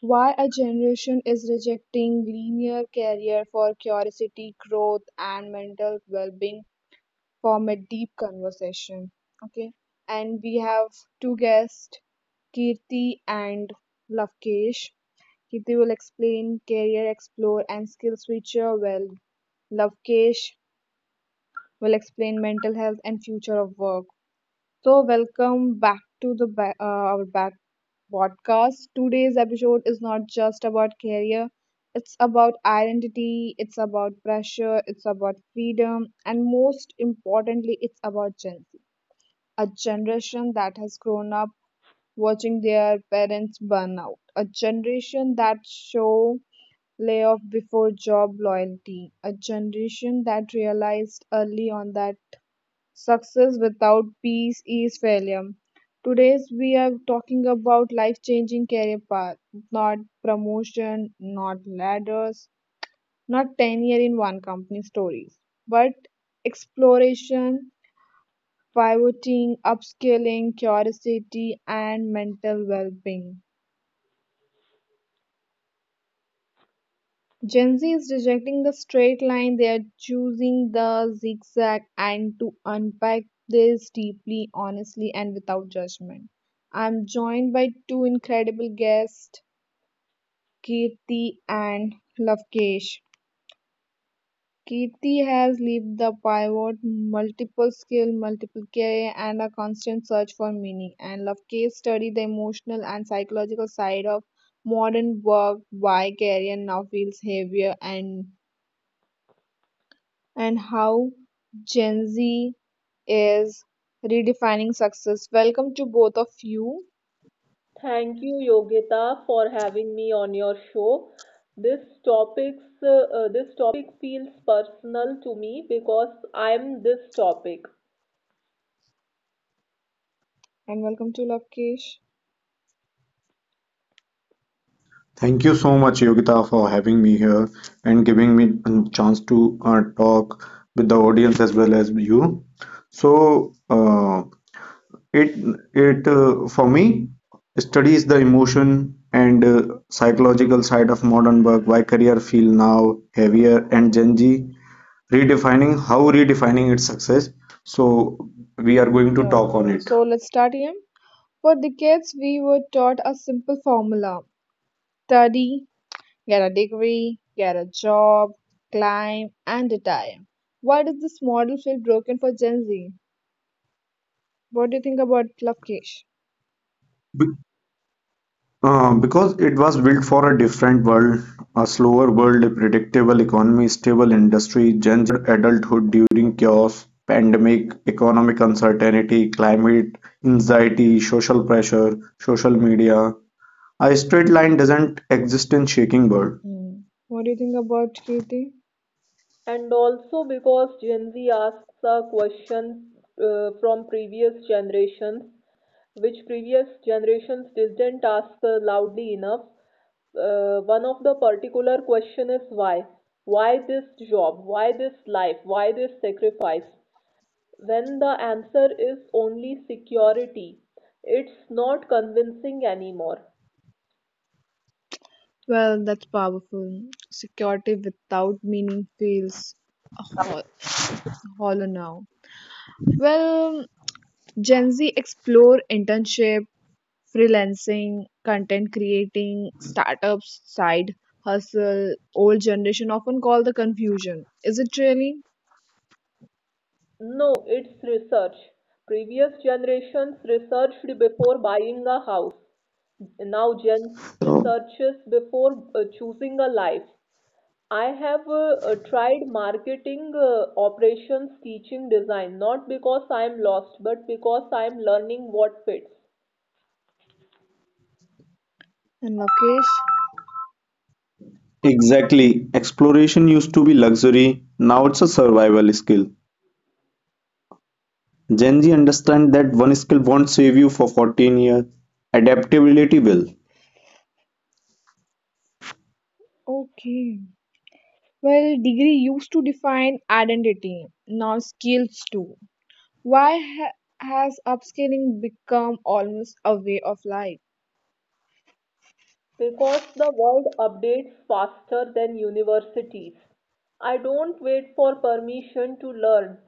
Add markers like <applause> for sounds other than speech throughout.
why a generation is rejecting linear career for curiosity, growth and mental well-being form a deep conversation. Okay. And we have two guests, Kirti and Lavkesh. Kirti will explain career explore and skill switcher well Lavkesh will explain mental health and future of work. So, welcome back to our back podcast. Today's episode is not just about career; it's about identity, it's about pressure, it's about freedom, and most importantly, it's about Gen Z, a generation that has grown up watching their parents burn out, a generation that show layoff before job loyalty, a generation that realized early on that Success without peace is failure. Today's we are talking about life-changing career path, not promotion, not ladders, not tenure in one company stories, but exploration, pivoting, upscaling, curiosity, and mental well-being. Gen Z is rejecting the straight line, they are choosing the zigzag, and to unpack this deeply, honestly, and without judgment. I'm joined by two incredible guests, Kirti and Lavkesh. Kirti has lived the pivot, multiple skill, multiple career, and a constant search for meaning. And Lavkesh studied the emotional and psychological side of modern work, why career now feels heavier and how Gen Z is redefining success. Welcome to both of you Thank you, Yogita, for having me on your show. This this topic feels personal to me because I'm this topic, and welcome to Lavkesh. Thank you so much, Yogita, for having me here and giving me a chance to talk with the audience as well as you. So, it it for me studies the emotion and psychological side of modern work. Why career feel now heavier and Gen Z redefining how redefining its success. So, we are going to talk on Okay, it. so let's start here. For decades, we were taught a simple formula study, get a degree, get a job, climb, and retire. Why does this model feel broken for Gen Z? What do you think about Lavkesh? Because it was built for a different world, a slower world, a predictable economy, stable industry, Gen adulthood during chaos, pandemic, economic uncertainty, climate anxiety, social pressure, social media. A straight line doesn't exist in shaking world. Hmm. What do you think about Katie? and also because Gen Z asks a question from previous generations, which previous generations didn't ask loudly enough. One of the particular question is why? Why this job? Why this life? Why this sacrifice? When the answer is only security, it's not convincing anymore. Well, that's powerful. Security without meaning feels ho- hollow now. Well, Gen Z explore internship, freelancing, content creating, startups, side hustle. Old generation often call the confusion. Is it really? No, it's research. Previous generations researched before buying a house. Now Gen Z So researches before choosing a life. I have tried marketing operations, teaching, design, not because I am lost, but because I am learning what fits. And Lokesh? exactly, exploration used to be luxury, now it's a survival skill. Gen Z understand that one skill won't save you for 14 years, adaptability will. Okay. Well, degree used to define identity, now skills too. Why has upscaling become almost a way of life? Because the world updates faster than universities. I don't wait for permission to learn.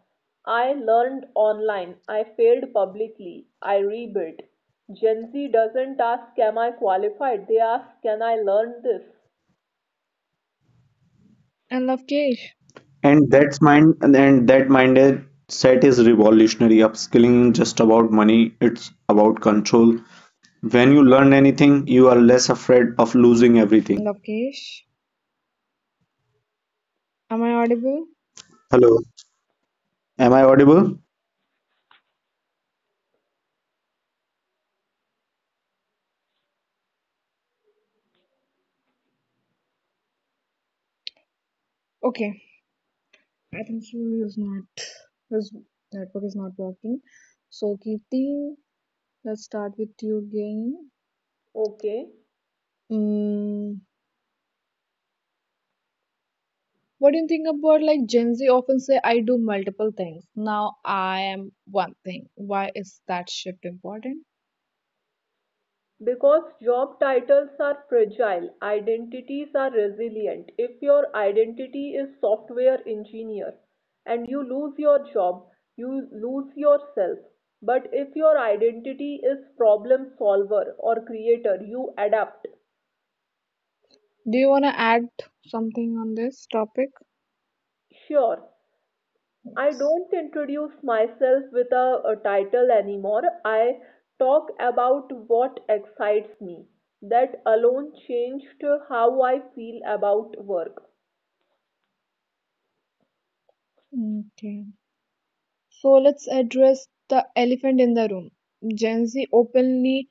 I learned online. I failed publicly. I rebuilt. Gen Z doesn't ask, am I qualified? They ask, can I learn this? And Lovekesh. And that mindset set is revolutionary. Upskilling isn't just about money, it's about control. When you learn anything, you are less afraid of losing everything. Lovekesh. Am I audible? Hello, am I audible? Okay. I think he is not. His network is not working. So, Kirti, let's start with you again. Okay. Mm, what do you think about like Gen Z often say, I do multiple things. Now I am one thing. Why is that shift important? Because job titles are fragile, identities are resilient. If your identity is software engineer and you lose your job, you lose yourself. But if your identity is problem solver or creator, you adapt. Do you want to add something on this topic? Sure, I Yes. don't introduce myself with a title anymore. I talk about what excites me. That alone changed how I feel about work. Okay. So let's address the elephant in the room. Gen Z openly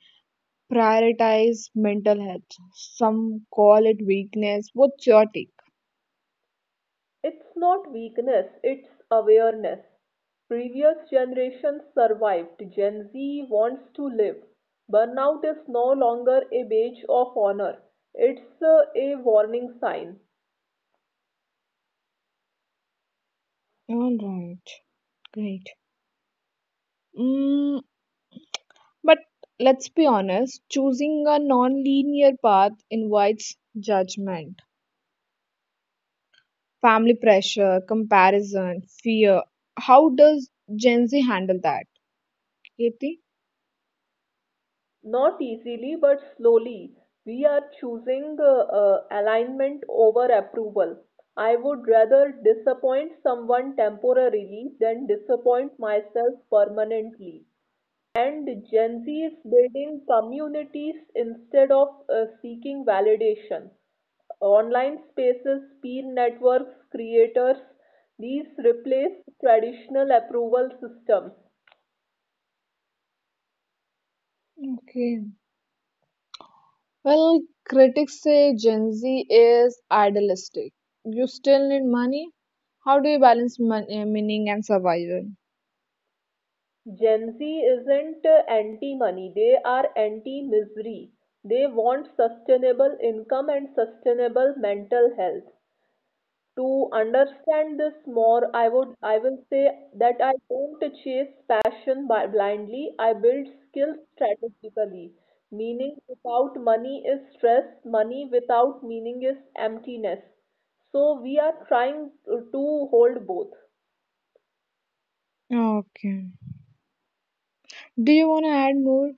prioritize mental health. Some call it weakness. What's your take? It's not weakness, it's awareness. Previous generations survived, Gen Z wants to live. Burnout is no longer a badge of honor, it's a warning sign. All right, great. Mm, but let's be honest, choosing a non linear path invites judgment, family pressure, comparison, fear. How does Gen Z handle that, Katie? Not easily, but slowly, we are choosing alignment over approval. I would rather disappoint someone temporarily than disappoint myself permanently. And Gen Z is building communities instead of seeking validation. Online spaces, peer networks, creators, these replace traditional approval systems. Okay. Well, critics say Gen Z is idealistic. You still need money? How do you balance meaning and survival? Gen Z isn't anti money, they are anti misery. They want sustainable income and sustainable mental health. To understand this more, I will say that I don't chase passion by blindly, I build skills strategically. Meaning without money is stress, money without meaning is emptiness, so we are trying to hold both. Okay. Do you want to add more?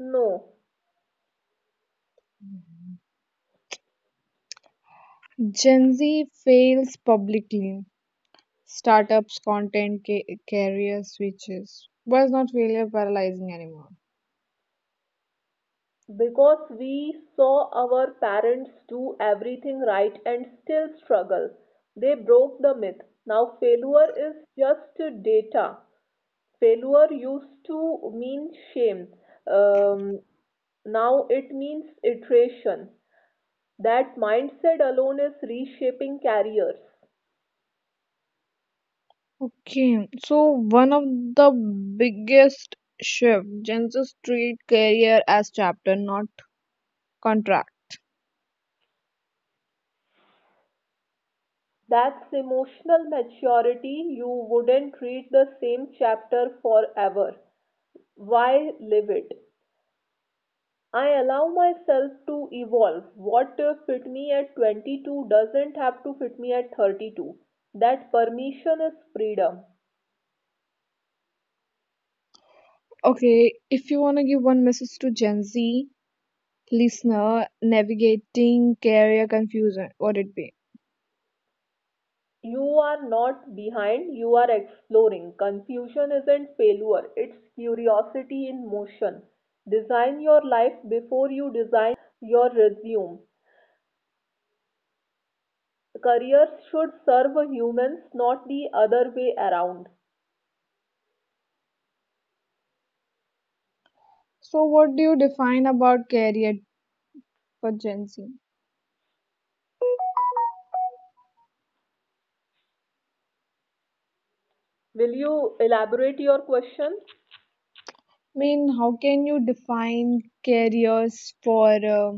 No, Gen Z fails publicly. Startups, content, career switches. Why is not failure paralyzing anymore? because we saw our parents do everything right and still struggle. They broke the myth. Now failure is just data. Failure used to mean shame. Um, Now it means iteration. That mindset alone is reshaping careers. Okay, so one of the biggest shift, Gen Z treat career as chapter, not contract. That's emotional maturity. You wouldn't read the same chapter forever. Why live it? I allow myself to evolve. What fit me at 22 doesn't have to fit me at 32. That permission is freedom. Okay, if you want to give one message to Gen Z listener navigating career confusion, what it be? You are not behind, you are exploring. Confusion isn't failure, it's curiosity in motion. Design your life before you design your resume. Careers should serve humans, not the other way around. So, what do you define about career for Gen Z? Will you elaborate your question? I mean, how can you define careers for a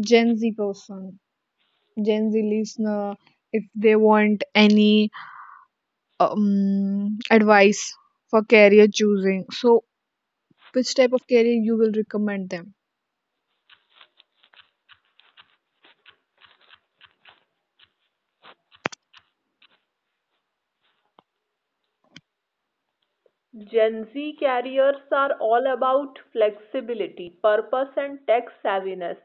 Gen Z person, Gen Z listener, if they want any advice for career choosing? So, which type of career you will recommend them? Gen Z careers are all about flexibility, purpose, and tech savviness.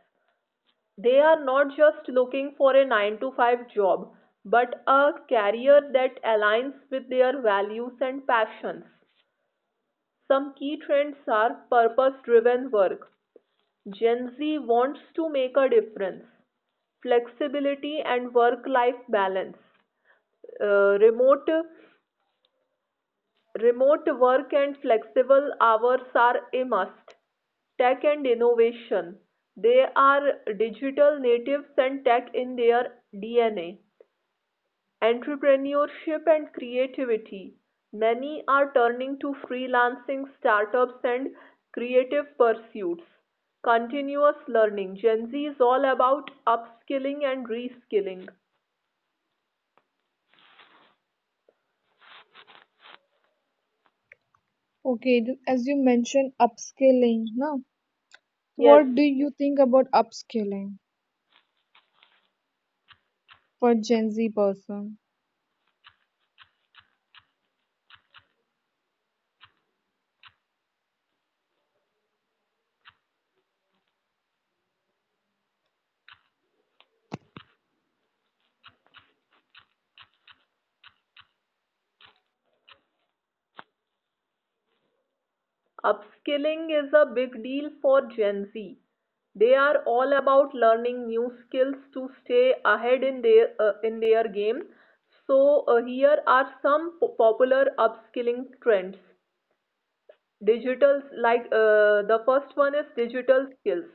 They are not just looking for a 9 to 5 job but a career that aligns with their values and passions. Some key trends are purpose driven work. Gen Z wants to make a difference. Flexibility and work life balance. Uh, remote remote work and flexible hours are a must. Tech and innovation. They are digital natives and tech in their DNA. Entrepreneurship and creativity. Many are turning to freelancing, startups, and creative pursuits. Continuous learning. Gen Z is all about upskilling and reskilling. Okay, as you mentioned, upskilling. No, so Yes, what do you think about upskilling for Gen Z person? upskilling is a big deal for Gen Z. They are all about learning new skills to stay ahead in their game. So here are some popular upskilling trends. Digital like the first one is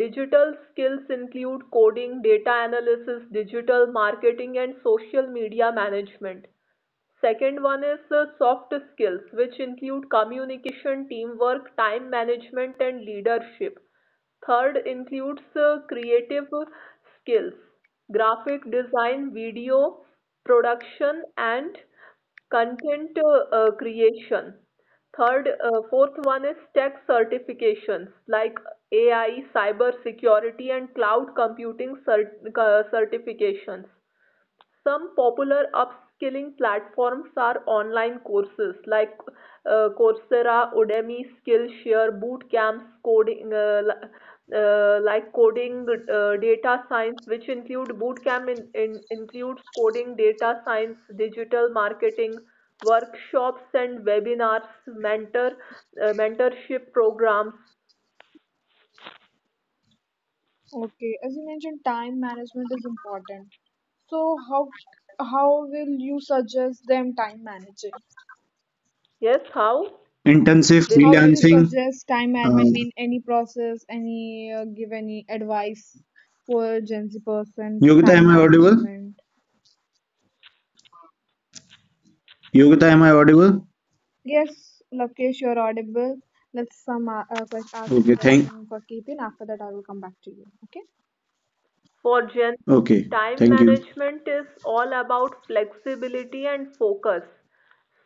digital skills include coding, data analysis, digital marketing, and social media management. Second one is soft skills, which include communication, teamwork, time management, and leadership. Third includes creative skills, graphic design, video production, and content creation. Fourth one is tech certifications like AI, cyber security, and cloud computing certifications. Some popular upskilling platforms are online courses like Coursera, Udemy, Skillshare, boot camps, coding, coding, data science, which include boot camp includes coding, data science, digital marketing, workshops and webinars, mentorship programs. Okay, as you mentioned, time management is important. So, how will you suggest them time managing? Yes, how Intensive will How you will you repeat? freelancing. suggest time Uh, management in any process? Any give any advice for Gen Z person to Yogita, am time I audible? management? Yogita, am I audible? Yes, Lokesh, you're audible. Let's some ask a Okay, thank. question for Keetin. After that, I will come back to you. Okay. For Gen Z, Okay, time thank you. management is all about flexibility and focus.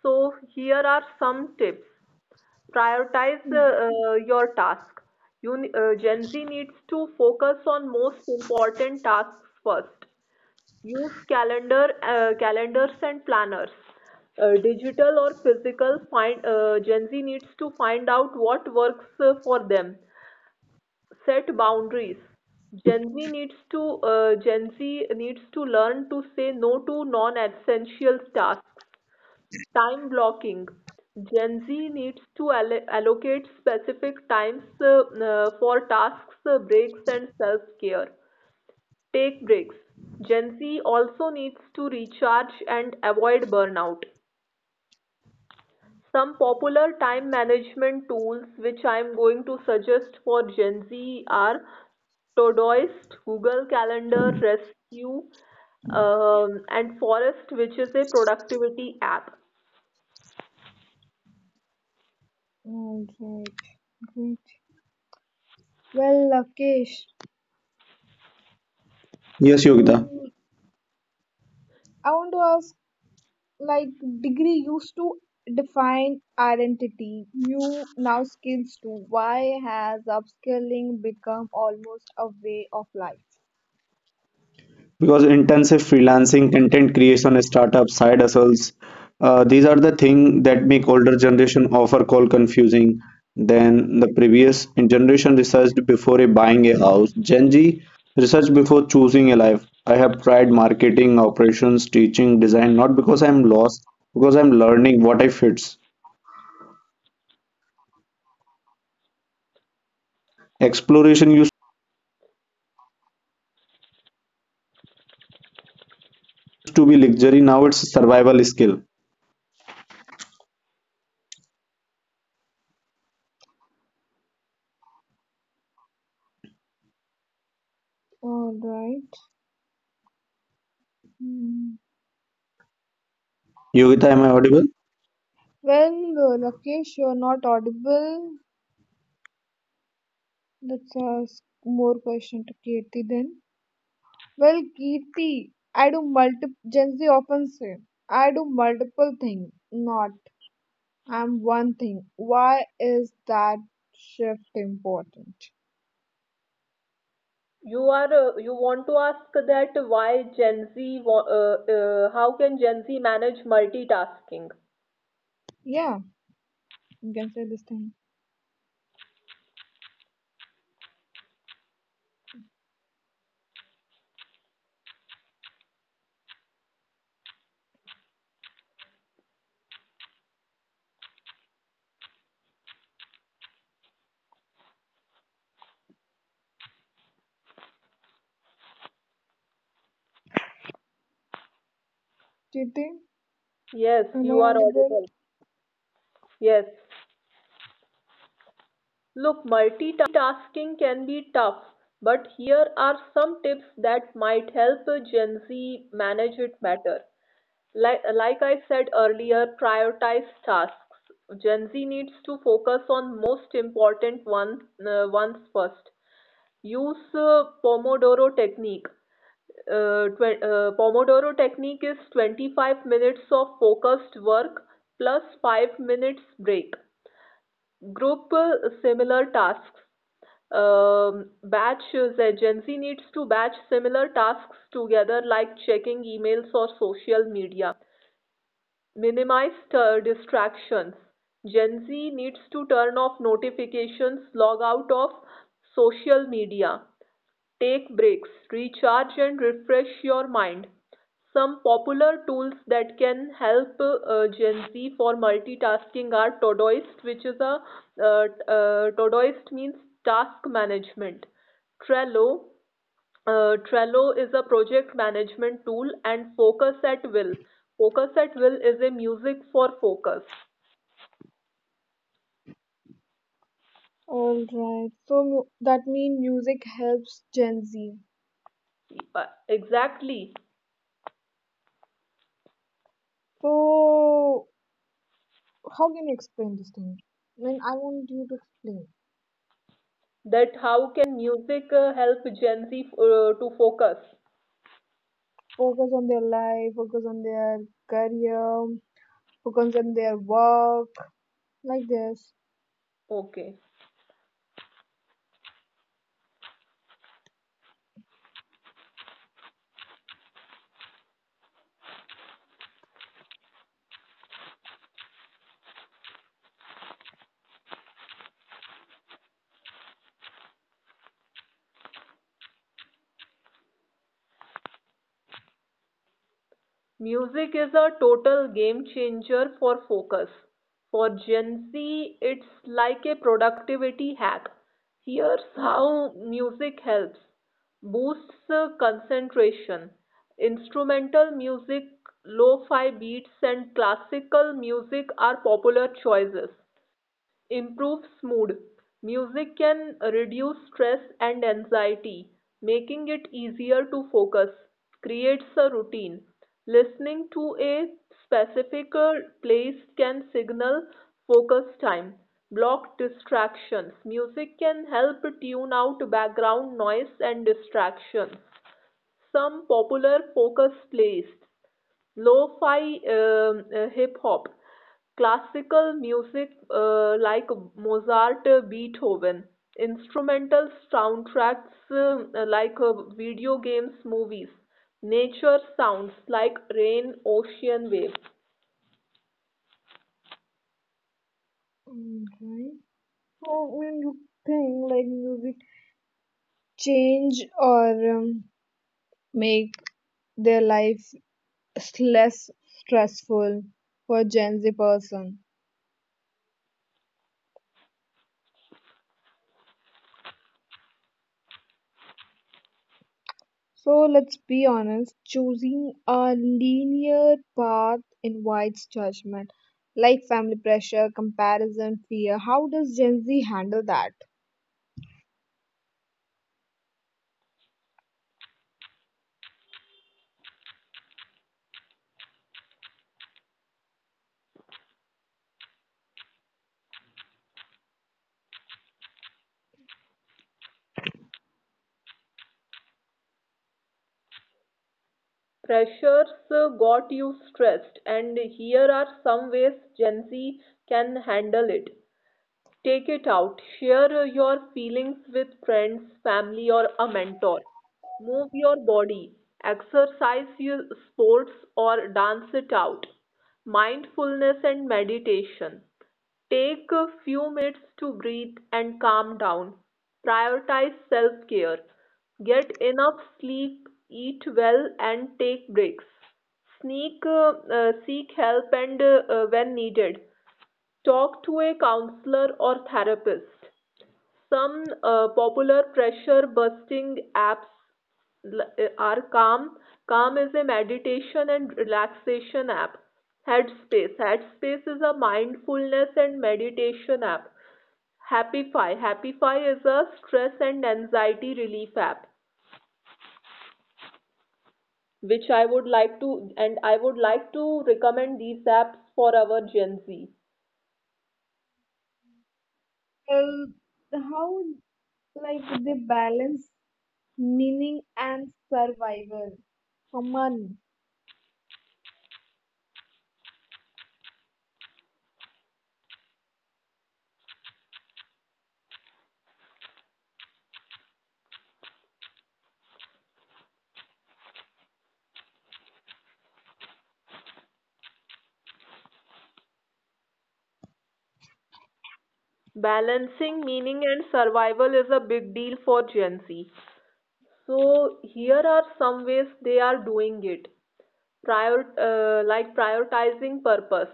So, here are some tips. Prioritize Mm. Your task. Gen Z needs to focus on most important tasks first. Use calendars and planners. Digital or physical, Gen Z needs to find out what works for them. Set boundaries. Gen Z needs to Gen Z needs to learn to say no to non essential tasks. Time blocking. Gen Z needs to allocate specific times for tasks. Uh, breaks and self care. Take breaks. Gen Z also needs to recharge and avoid burnout. Some popular time management tools which I am going to suggest for Gen Z are Todoist, Google Calendar, Rescue, and Forest, which is a productivity app. Alright, great. Well, Lokesh, Yes, Yogita. mm, I want to ask like degree used to define identity new now skills too why has upskilling become almost a way of life Because intensive freelancing, content creation, startup, side hustles, these are the thing that make older generation offer call confusing than the previous generation researched before a buying a house. Gen Z research before choosing a life. I have tried marketing, operations, teaching, design, not because I'm lost, because I'm learning what I fits. Exploration used to be luxury, now it's survival skill. all right. Hmm. Yogita, am I audible? Well Rakesh you're not audible let's ask more question to Kirti then well Kirti I do multiple Gen Z often say I do multiple things not I'm one thing why is that shift important You want to ask that why Gen Z? How can Gen Z manage multitasking? yeah. You can say this thing. Jiten, Yes, am I you are audible? audible. Yes. Look, multitasking can be tough, but here are some tips that might help Gen Z manage it better. Like I said earlier, prioritize tasks. Gen Z needs to focus on most important ones first. Use Pomodoro technique. Pomodoro technique is 25 minutes of focused work plus 5 minutes break. Group similar tasks. Batch Gen Z needs to batch similar tasks together like checking emails or social media. Minimize distractions. Gen Z needs to turn off notifications, log out of social media, take breaks, recharge and refresh your mind. Some popular tools that can help Gen Z for multitasking are Todoist, which is a Todoist means task management, Trello, Trello is a project management tool, and Focus at Will. Focus at Will is a music for focus. All right. So that means music helps Gen Z. Exactly. So how can you explain this thing? I mean, I want you to explain. That how can music help Gen Z to focus? Focus on their life. Focus on their career. Focus on their work. Like this. Okay. Music is a total game changer for focus. For Gen Z, it's like a productivity hack. Here's how music helps. Boosts concentration. Instrumental music, lo fi beats, and classical music are popular choices. Improves mood. Music can reduce stress and anxiety, making it easier to focus. Creates a routine. Listening to a specific place can signal focus time. Block distractions. Music can help tune out background noise and distractions. Some popular focus playlists: lo-fi, hip hop, classical music like Mozart, Beethoven, instrumental soundtracks, like video games, movies, nature sounds like rain, ocean waves. All right. So when you think like music change or um, make their life less stressful for Gen Z person. So let's be honest, choosing a linear path invites judgment, like family pressure, comparison, fear. How does Gen Z handle that? Pressures got you stressed, and here are some ways Gen Z can handle it. Take it out. Share your feelings with friends, family, or a mentor. Move your body. Exercise your sports or dance it out. Mindfulness and meditation. Take a few minutes to breathe and calm down. Prioritize self care. Get enough sleep, eat well, and take breaks. Seek help and when needed. Talk to a counselor or therapist. Some popular pressure busting apps are Calm. Calm is a meditation and relaxation app. Headspace. Headspace is a mindfulness and meditation app. Happify. Happify is a stress and anxiety relief app, which I would like to and I would like to recommend these apps for our Gen Z. Well, how like they balance meaning and survival. Common. Balancing meaning and survival is a big deal for Gen Z. So here are some ways they are doing it. Prioritizing purpose.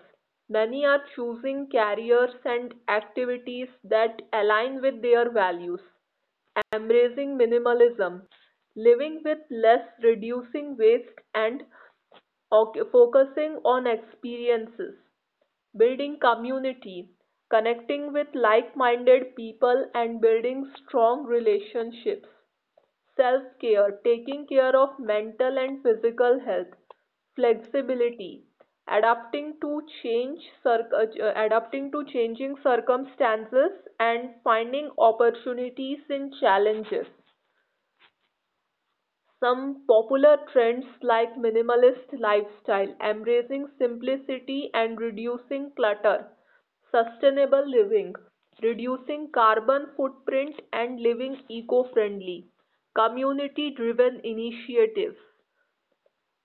Many are choosing careers and activities that align with their values. Embracing minimalism, living with less, reducing waste, and focusing on experiences. Building community, connecting with like minded people, and building strong relationships. Self care, taking care of mental and physical health. Flexibility, adapting to change, adapting to changing circumstances, and finding opportunities in challenges. Some popular trends like minimalist lifestyle, embracing simplicity and reducing clutter, sustainable living, reducing carbon footprint and living eco-friendly, community-driven initiatives,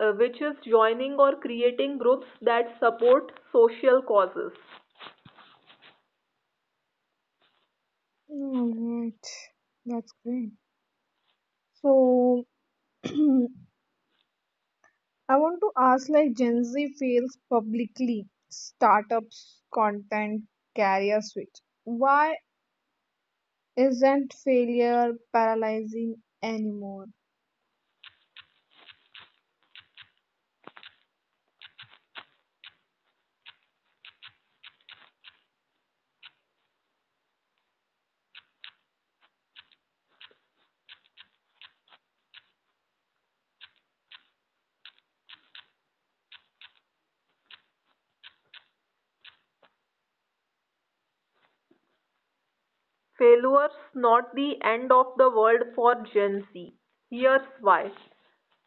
which is joining or creating groups that support social causes. All right, that's great. So <clears throat> I want to ask like Gen Z fails publicly, startups, content, career switch. Why isn't failure paralyzing anymore. Failures not the end of the world for Gen Z. Here's why.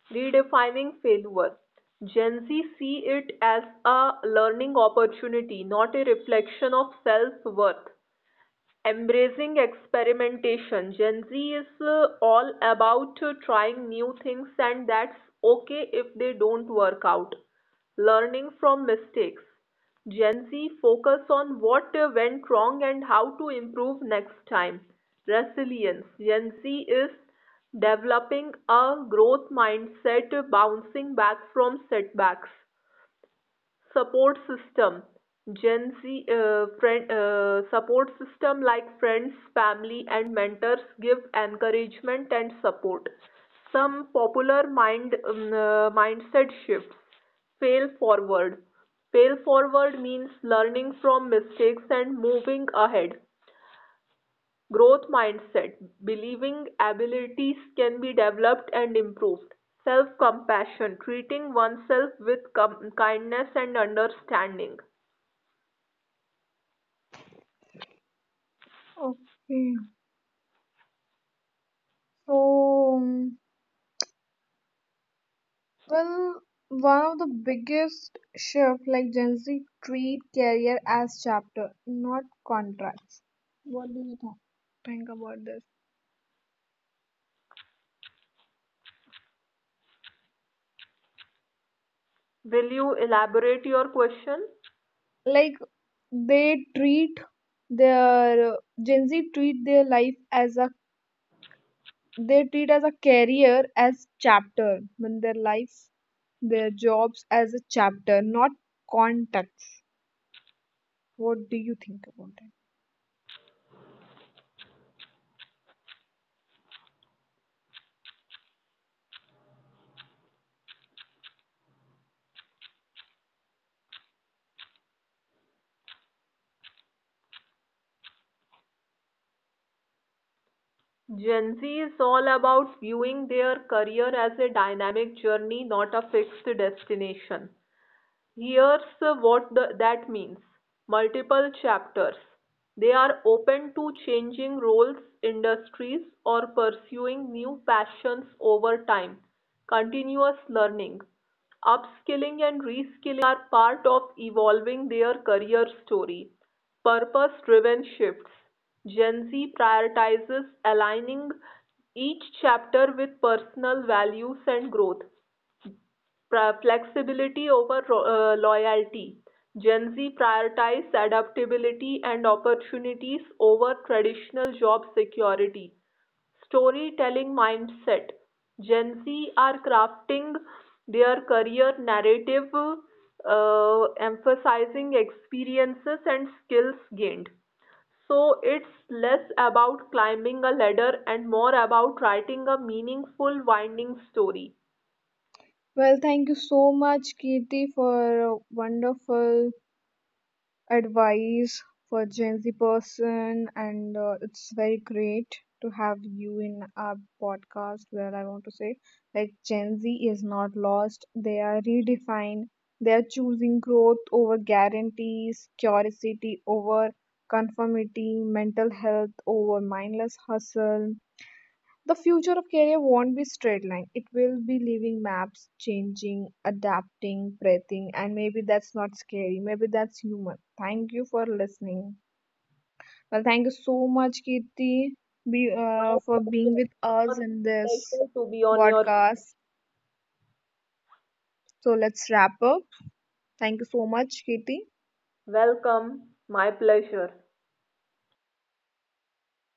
Redefining failure. Gen Z see it as a learning opportunity, not a reflection of self worth. Embracing experimentation. Gen Z is all about trying new things, and that's okay if they don't work out. Learning from mistakes. Gen Z focus on what went wrong and how to improve next time. Resilience. Gen Z is developing a growth mindset, bouncing back from setbacks. Support system. Gen Z friend support system like friends, family, and mentors give encouragement and support. Some popular mindset shifts. Fail forward. Fail forward means learning from mistakes and moving ahead. Growth mindset, believing abilities can be developed and improved. Self compassion, treating oneself with kindness and understanding. Okay. So, um, well, one of the biggest shift like Gen Z treat career as chapter, not contracts. What do you think? Think about this. Will you elaborate your question? Like they treat their Gen Z treat their life as a they treat as a career as chapter when their life their jobs as a chapter not contract. What do you think about that? Gen Z is all about viewing their career as a dynamic journey, not a fixed destination. Here's what that means. Multiple chapters. They are open to changing roles, industries, or pursuing new passions over time. Continuous learning. Upskilling and reskilling are part of evolving their career story. Purpose driven shifts. Gen Z prioritizes aligning each chapter with personal values and growth. Flexibility over loyalty. Gen Z prioritizes adaptability and opportunities over traditional job security. Storytelling mindset. Gen Z are crafting their career narrative, uh, emphasizing experiences and skills gained. So it's less about climbing a ladder and more about writing a meaningful, winding story. Well, thank you so much, Kirti, for wonderful advice for Gen Z person, and it's very great to have you in our podcast. Where I want to say, like Gen Z is not lost; they are redefined. They are choosing growth over guarantees, curiosity over conformity, mental health over mindless hustle, The future of career won't be straight line. It will be leaving maps, changing, adapting, breathing, and maybe that's not scary. Maybe that's human. Thank you for listening. Well, thank you so much, Kirti, My for being pleasure. It with my us in this pleasure to be on your podcast. So let's wrap up. Thank you so much, Kirti. welcome. My pleasure.